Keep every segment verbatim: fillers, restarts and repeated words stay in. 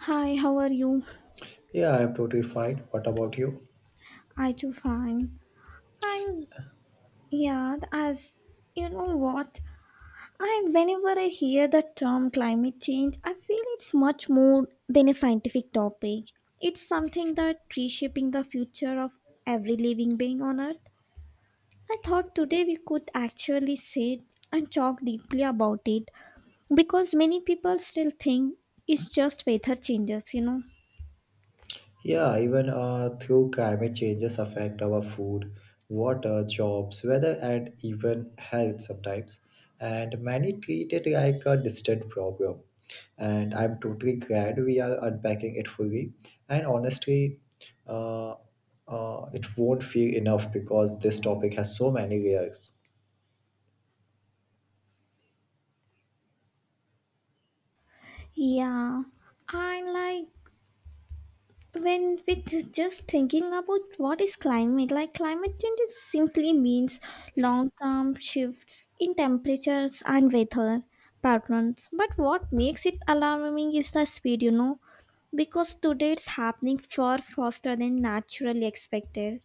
Hi, how are you? Yeah, I'm totally fine. What about you? I too fine. I'm yeah, as You know what? I Whenever I hear the term climate change, I feel it's much more than a scientific topic. It's something that reshaping the future of every living being on earth. I thought today we could actually sit and talk deeply about it because many people still think it's just weather changes, you know. Yeah, even uh, through climate changes affect our food, water, jobs, weather, and even health sometimes. And many treat it like a distant problem. And I'm totally glad we are unpacking it fully. And honestly, uh, uh, it won't feel enough because this topic has so many layers. Yeah. I like when with just thinking about what is climate like climate change is simply means long term shifts in temperatures and weather patterns, but what makes it alarming is the speed, you know because today it's happening far faster than naturally expected.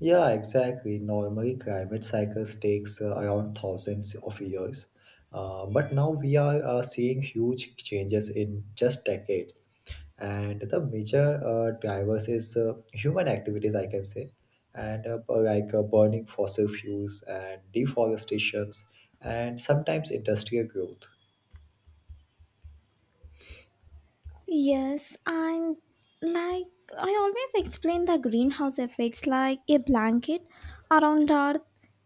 Yeah, exactly. Normally, climate cycles takes uh, around thousands of years, uh, but now we are uh, seeing huge changes in just decades. And the major uh, drivers is uh, human activities, I can say, and uh, bu- like uh, burning fossil fuels and deforestations, and sometimes industrial growth. Yes, and like I always explain the greenhouse effects like a blanket around Earth.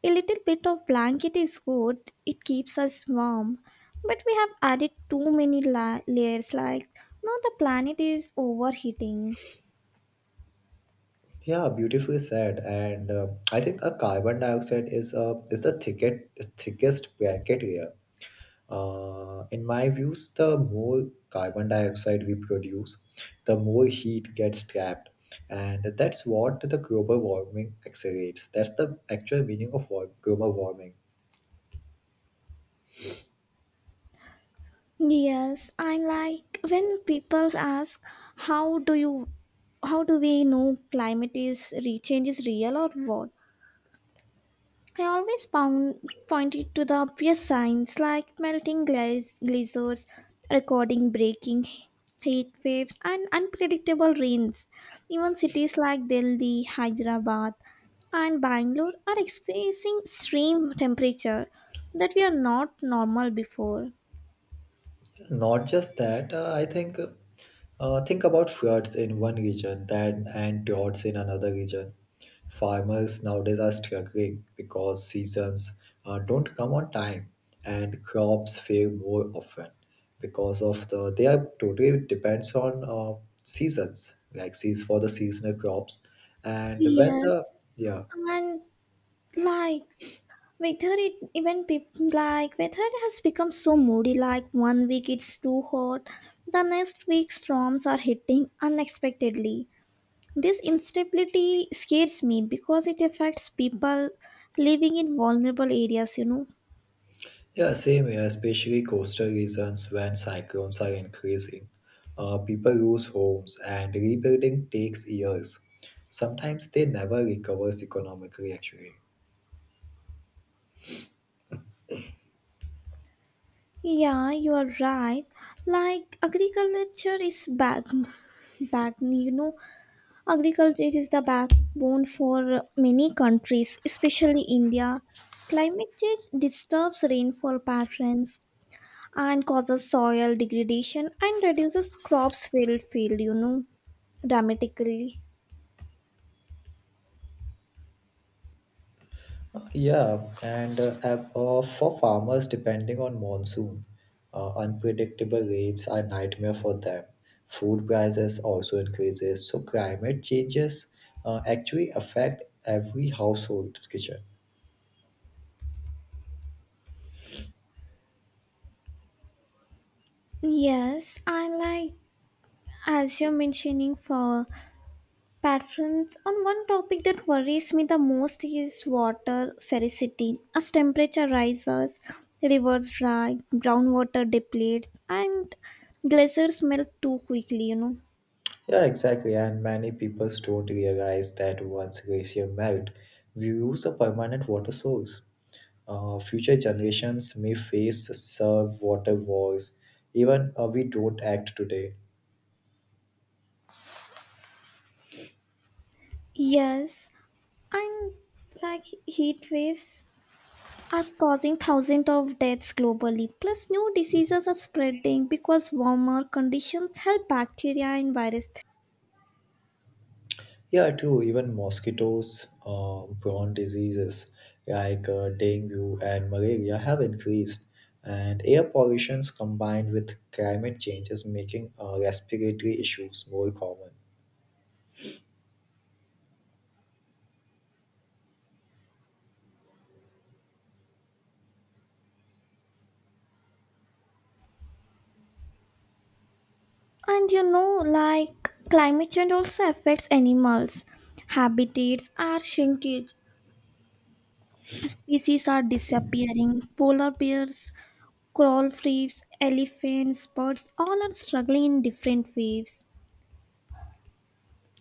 A little bit of blanket is good, it keeps us warm. But we have added too many la- layers, like now the planet is overheating. Yeah, beautifully said. And uh, I think a carbon dioxide is uh, is the thicket, thickest blanket here. Uh, in my views, the more carbon dioxide we produce, the more heat gets trapped. And that's what the global warming accelerates. That's the actual meaning of wa- global warming. Yes, and like when people ask, how do you, how do we know climate is re- change is real or what? I always pound, pointed to the obvious signs like melting glaze, glaciers, recording breaking heat waves, and unpredictable rains. Even cities like Delhi, Hyderabad, and Bangalore are experiencing extreme temperature that we are not normal before. Not just that, uh, I think uh, think about floods in one region then and droughts in another region. Farmers nowadays are struggling because seasons uh, don't come on time and crops fail more often because of the they are totally depends on uh, seasons like seas for the seasonal crops and when Yes, the yeah. and like Weather, it even people like weather has become so moody. Like one week it's too hot, the next week storms are hitting unexpectedly. This instability scares me because it affects people living in vulnerable areas, You know. Yeah, same here, especially coastal regions when cyclones are increasing. Uh, people lose homes and rebuilding takes years. Sometimes they never recovers economically actually. Yeah, you are right. Like agriculture is back, back. You know, agriculture is the backbone for many countries, especially India. Climate change disturbs rainfall patterns and causes soil degradation and reduces crops field field, you know, dramatically. Yeah, and uh, ab- uh, for farmers depending on monsoon, uh, unpredictable rains are nightmare for them. Food prices also increases, so climate changes uh, actually affect every household's kitchen. Yes, I like as you're mentioning for Patrons, on one topic that worries me the most is water scarcity as temperature rises, rivers dry, groundwater depletes, and glaciers melt too quickly, you know Yeah, exactly. And many people don't realize that once glacier melt, we lose a permanent water source. Uh, future generations may face serve water wars, even uh, we don't act today. yes, and like heat waves are causing thousands of deaths globally, plus new diseases are spreading because warmer conditions help bacteria and viruses. Yeah, too. Even mosquitoes, uh, prawn diseases like uh, dengue and malaria have increased, and air pollutions combined with climate change is making uh, respiratory issues more common. And you know, like climate change also affects animals. Habitats are shrinking, species are disappearing. Polar bears, coral reefs, elephants, birds all are struggling in different ways.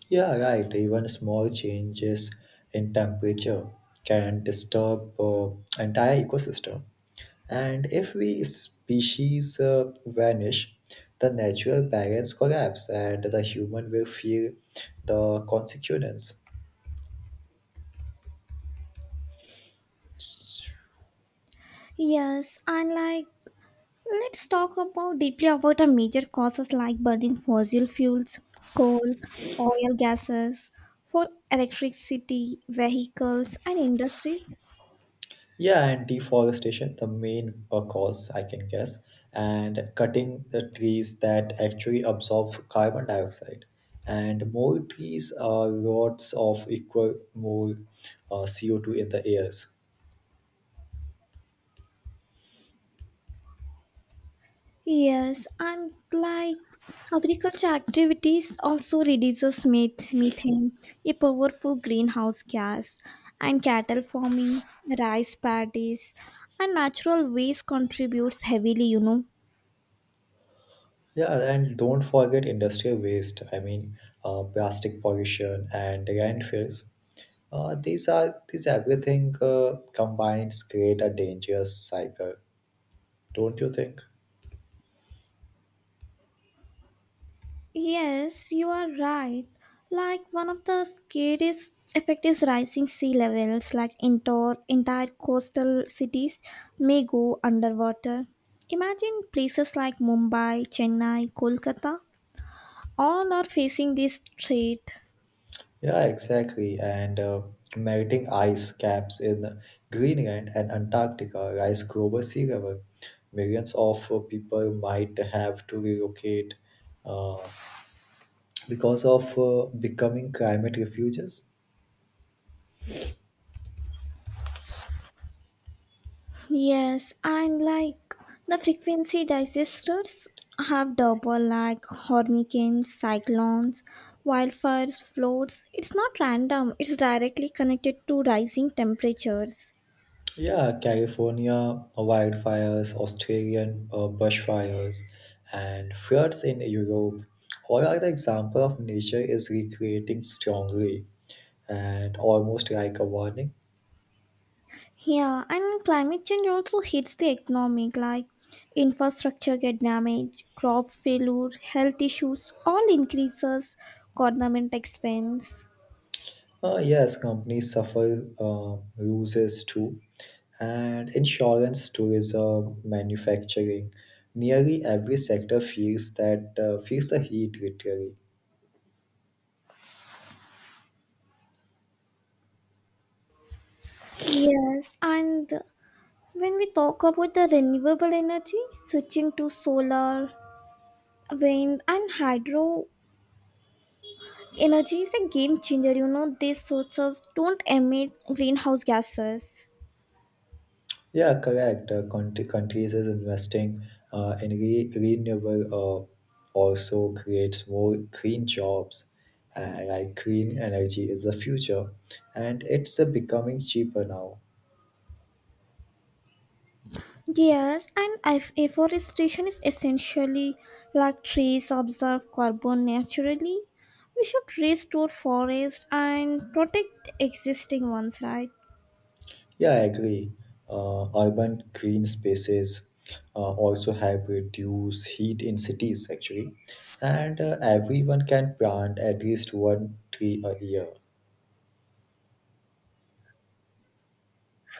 Yeah, right. Even small changes in temperature can disturb uh, entire ecosystem. And if we species uh, vanish, the natural balance collapse, and the human will feel the consequence. Yes, and like let's talk about deeply about the major causes like burning fossil fuels, coal, oil gases for electricity, vehicles and industries. Yeah, and deforestation, the main uh, cause I can guess, and cutting the trees that actually absorb carbon dioxide. And more trees are lots of equal more uh, C O two in the airs. Yes, and like agriculture activities also reduces meth- methane, a powerful greenhouse gas, and cattle farming, rice paddies, and natural waste contributes heavily, you know. Yeah, and don't forget industrial waste. I mean, uh, plastic pollution and landfills. Uh, these are these everything uh, combines create a dangerous cycle, don't you think? Yes, you are right. Like one of the scariest effect is rising sea levels, like entire entire coastal cities may go underwater. Imagine places like Mumbai, Chennai, Kolkata all are facing this trait. Yeah, exactly. And uh, melting ice caps in Greenland and Antarctica rise global sea level. Millions of uh, people might have to relocate uh, because of uh, becoming climate refuges. Yes, and like the frequency digesters have double like hurricanes, cyclones, wildfires, floods. It's not random, it's directly connected to rising temperatures. Yeah, California wildfires, Australian uh, bushfires, and floods in Europe. All are the example of nature is recreating strongly and almost like a warning. Yeah, and climate change also hits the economic like infrastructure get damaged, crop failure, health issues, all increases government expense. Uh, yes, companies suffer uh, losses too, and insurance, tourism, manufacturing, nearly every sector feels that uh, feels the heat literally. Yes, and when we talk about the renewable energy, switching to solar, wind, and hydro energy is a game changer. You know, these sources don't emit greenhouse gases. Yeah, correct. Uh, country, countries is investing uh, in re- renewable, uh, also creates more green jobs, and like green energy is the future, and it's uh, becoming cheaper now. Yes, and if afforestation is essentially like trees absorb carbon naturally. We should restore forests and protect existing ones, right? Yeah, I agree. Uh, urban green spaces uh, also help reduce heat in cities, actually, and uh, everyone can plant at least one tree a year.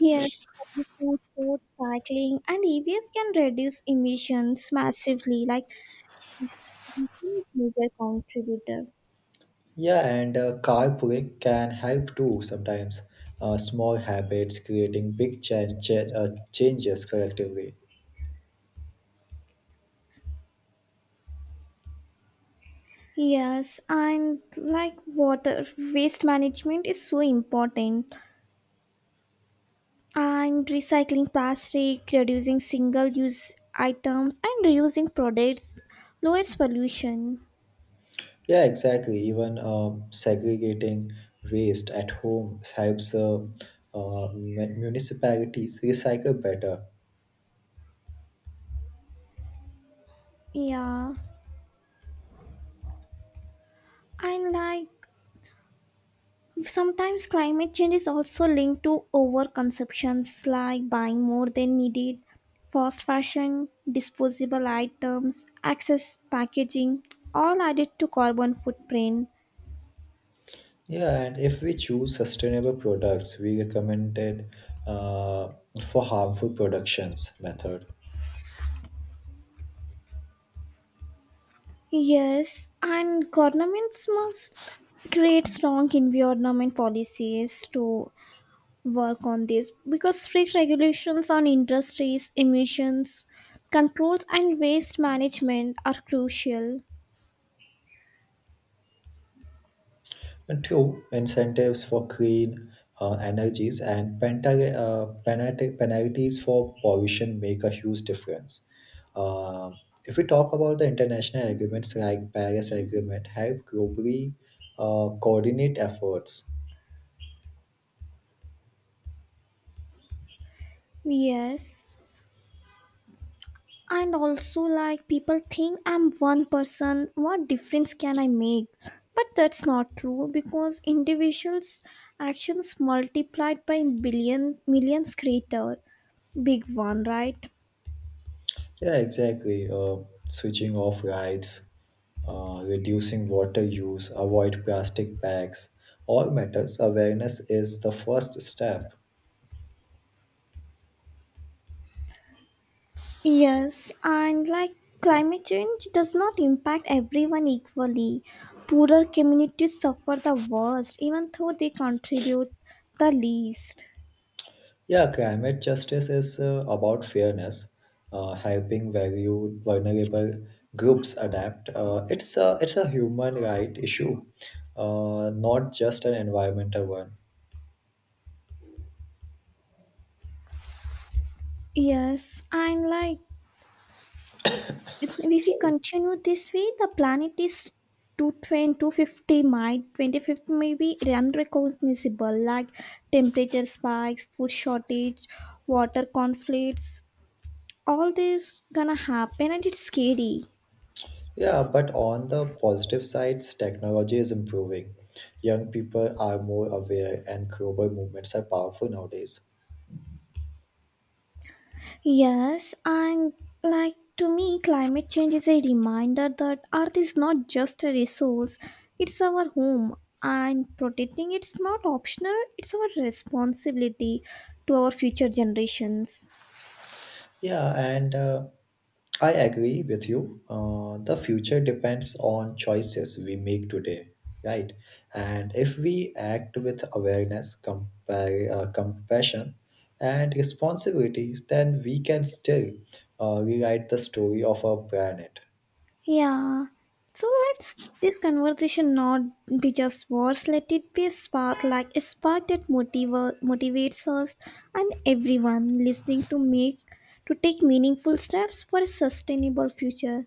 Yes, public transport, cycling, and E Vs can reduce emissions massively. Like major contributor. Yeah, and uh, carpooling can help too sometimes. Uh, small habits creating big chan- cha- uh, changes collectively. Yes, and like water waste management is so important, and recycling plastic, reducing single use items, and reusing products lowers pollution. Yeah, exactly. Even um segregating waste at home helps uh, uh, mu- municipalities recycle better. Yeah, and like sometimes climate change is also linked to overconsumptions like buying more than needed, fast fashion, disposable items, excess packaging, all added to carbon footprint. Yeah, and if we choose sustainable products, we recommended uh, for harmful productions method. Yes, and governments must create strong environment policies to work on this because strict regulations on industries, emissions, controls, and waste management are crucial. And two, incentives for clean uh, energies and penalty, uh, penalty, penalties for pollution make a huge difference. Uh, if we talk about the international agreements like Paris Agreement, help globally uh, coordinate efforts. Yes, and also like people think I'm one person, what difference can I make? But that's not true because individuals' actions multiplied by billion millions create a big one, right? Yeah, exactly. Uh, switching off rights uh, reducing water use, avoid plastic bags, all matters. Awareness is the first step. Yes, and like climate change does not impact everyone equally. Poorer communities suffer the worst, even though they contribute the least. Yeah, climate justice is uh, about fairness, uh, helping value vulnerable groups adapt. Uh, it's a it's a human right issue, uh, not just an environmental one. Yes, and like if if we Sorry. continue this way, the planet is two twenty-two fifty. Might, twenty-fifth may be unrecognizable, like temperature spikes, food shortage, water conflicts. All this gonna happen and it's scary. Yeah, but on the positive sides, technology is improving. Young people are more aware, and global movements are powerful nowadays. Yes, and like to me, climate change is a reminder that Earth is not just a resource, it's our home, and protecting it's not optional, it's our responsibility to our future generations. Yeah, and uh, I agree with you. Uh, the future depends on choices we make today, right? And if we act with awareness, compare, uh, compassion, and responsibilities, then we can still uh, rewrite the story of our planet. Yeah, so let's this conversation not be just words, let it be a spark, like a spark that motiva- motivates us and everyone listening to make to take meaningful steps for a sustainable future.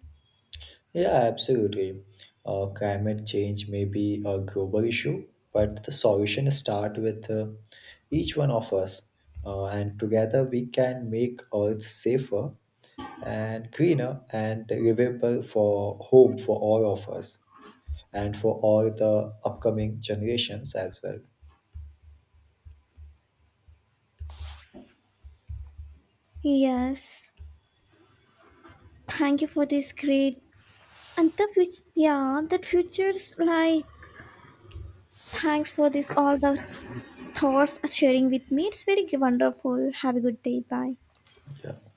Yeah, absolutely. Uh, climate change may be a global issue, but the solution start with uh, each one of us, uh, and together we can make Earth safer and greener and livable for home for all of us and for all the upcoming generations as well. Yes, thank you for this great and the future. Yeah, that future's like thanks for this all the thoughts uh, sharing with me. It's very wonderful. Have a good day. Bye. Yeah.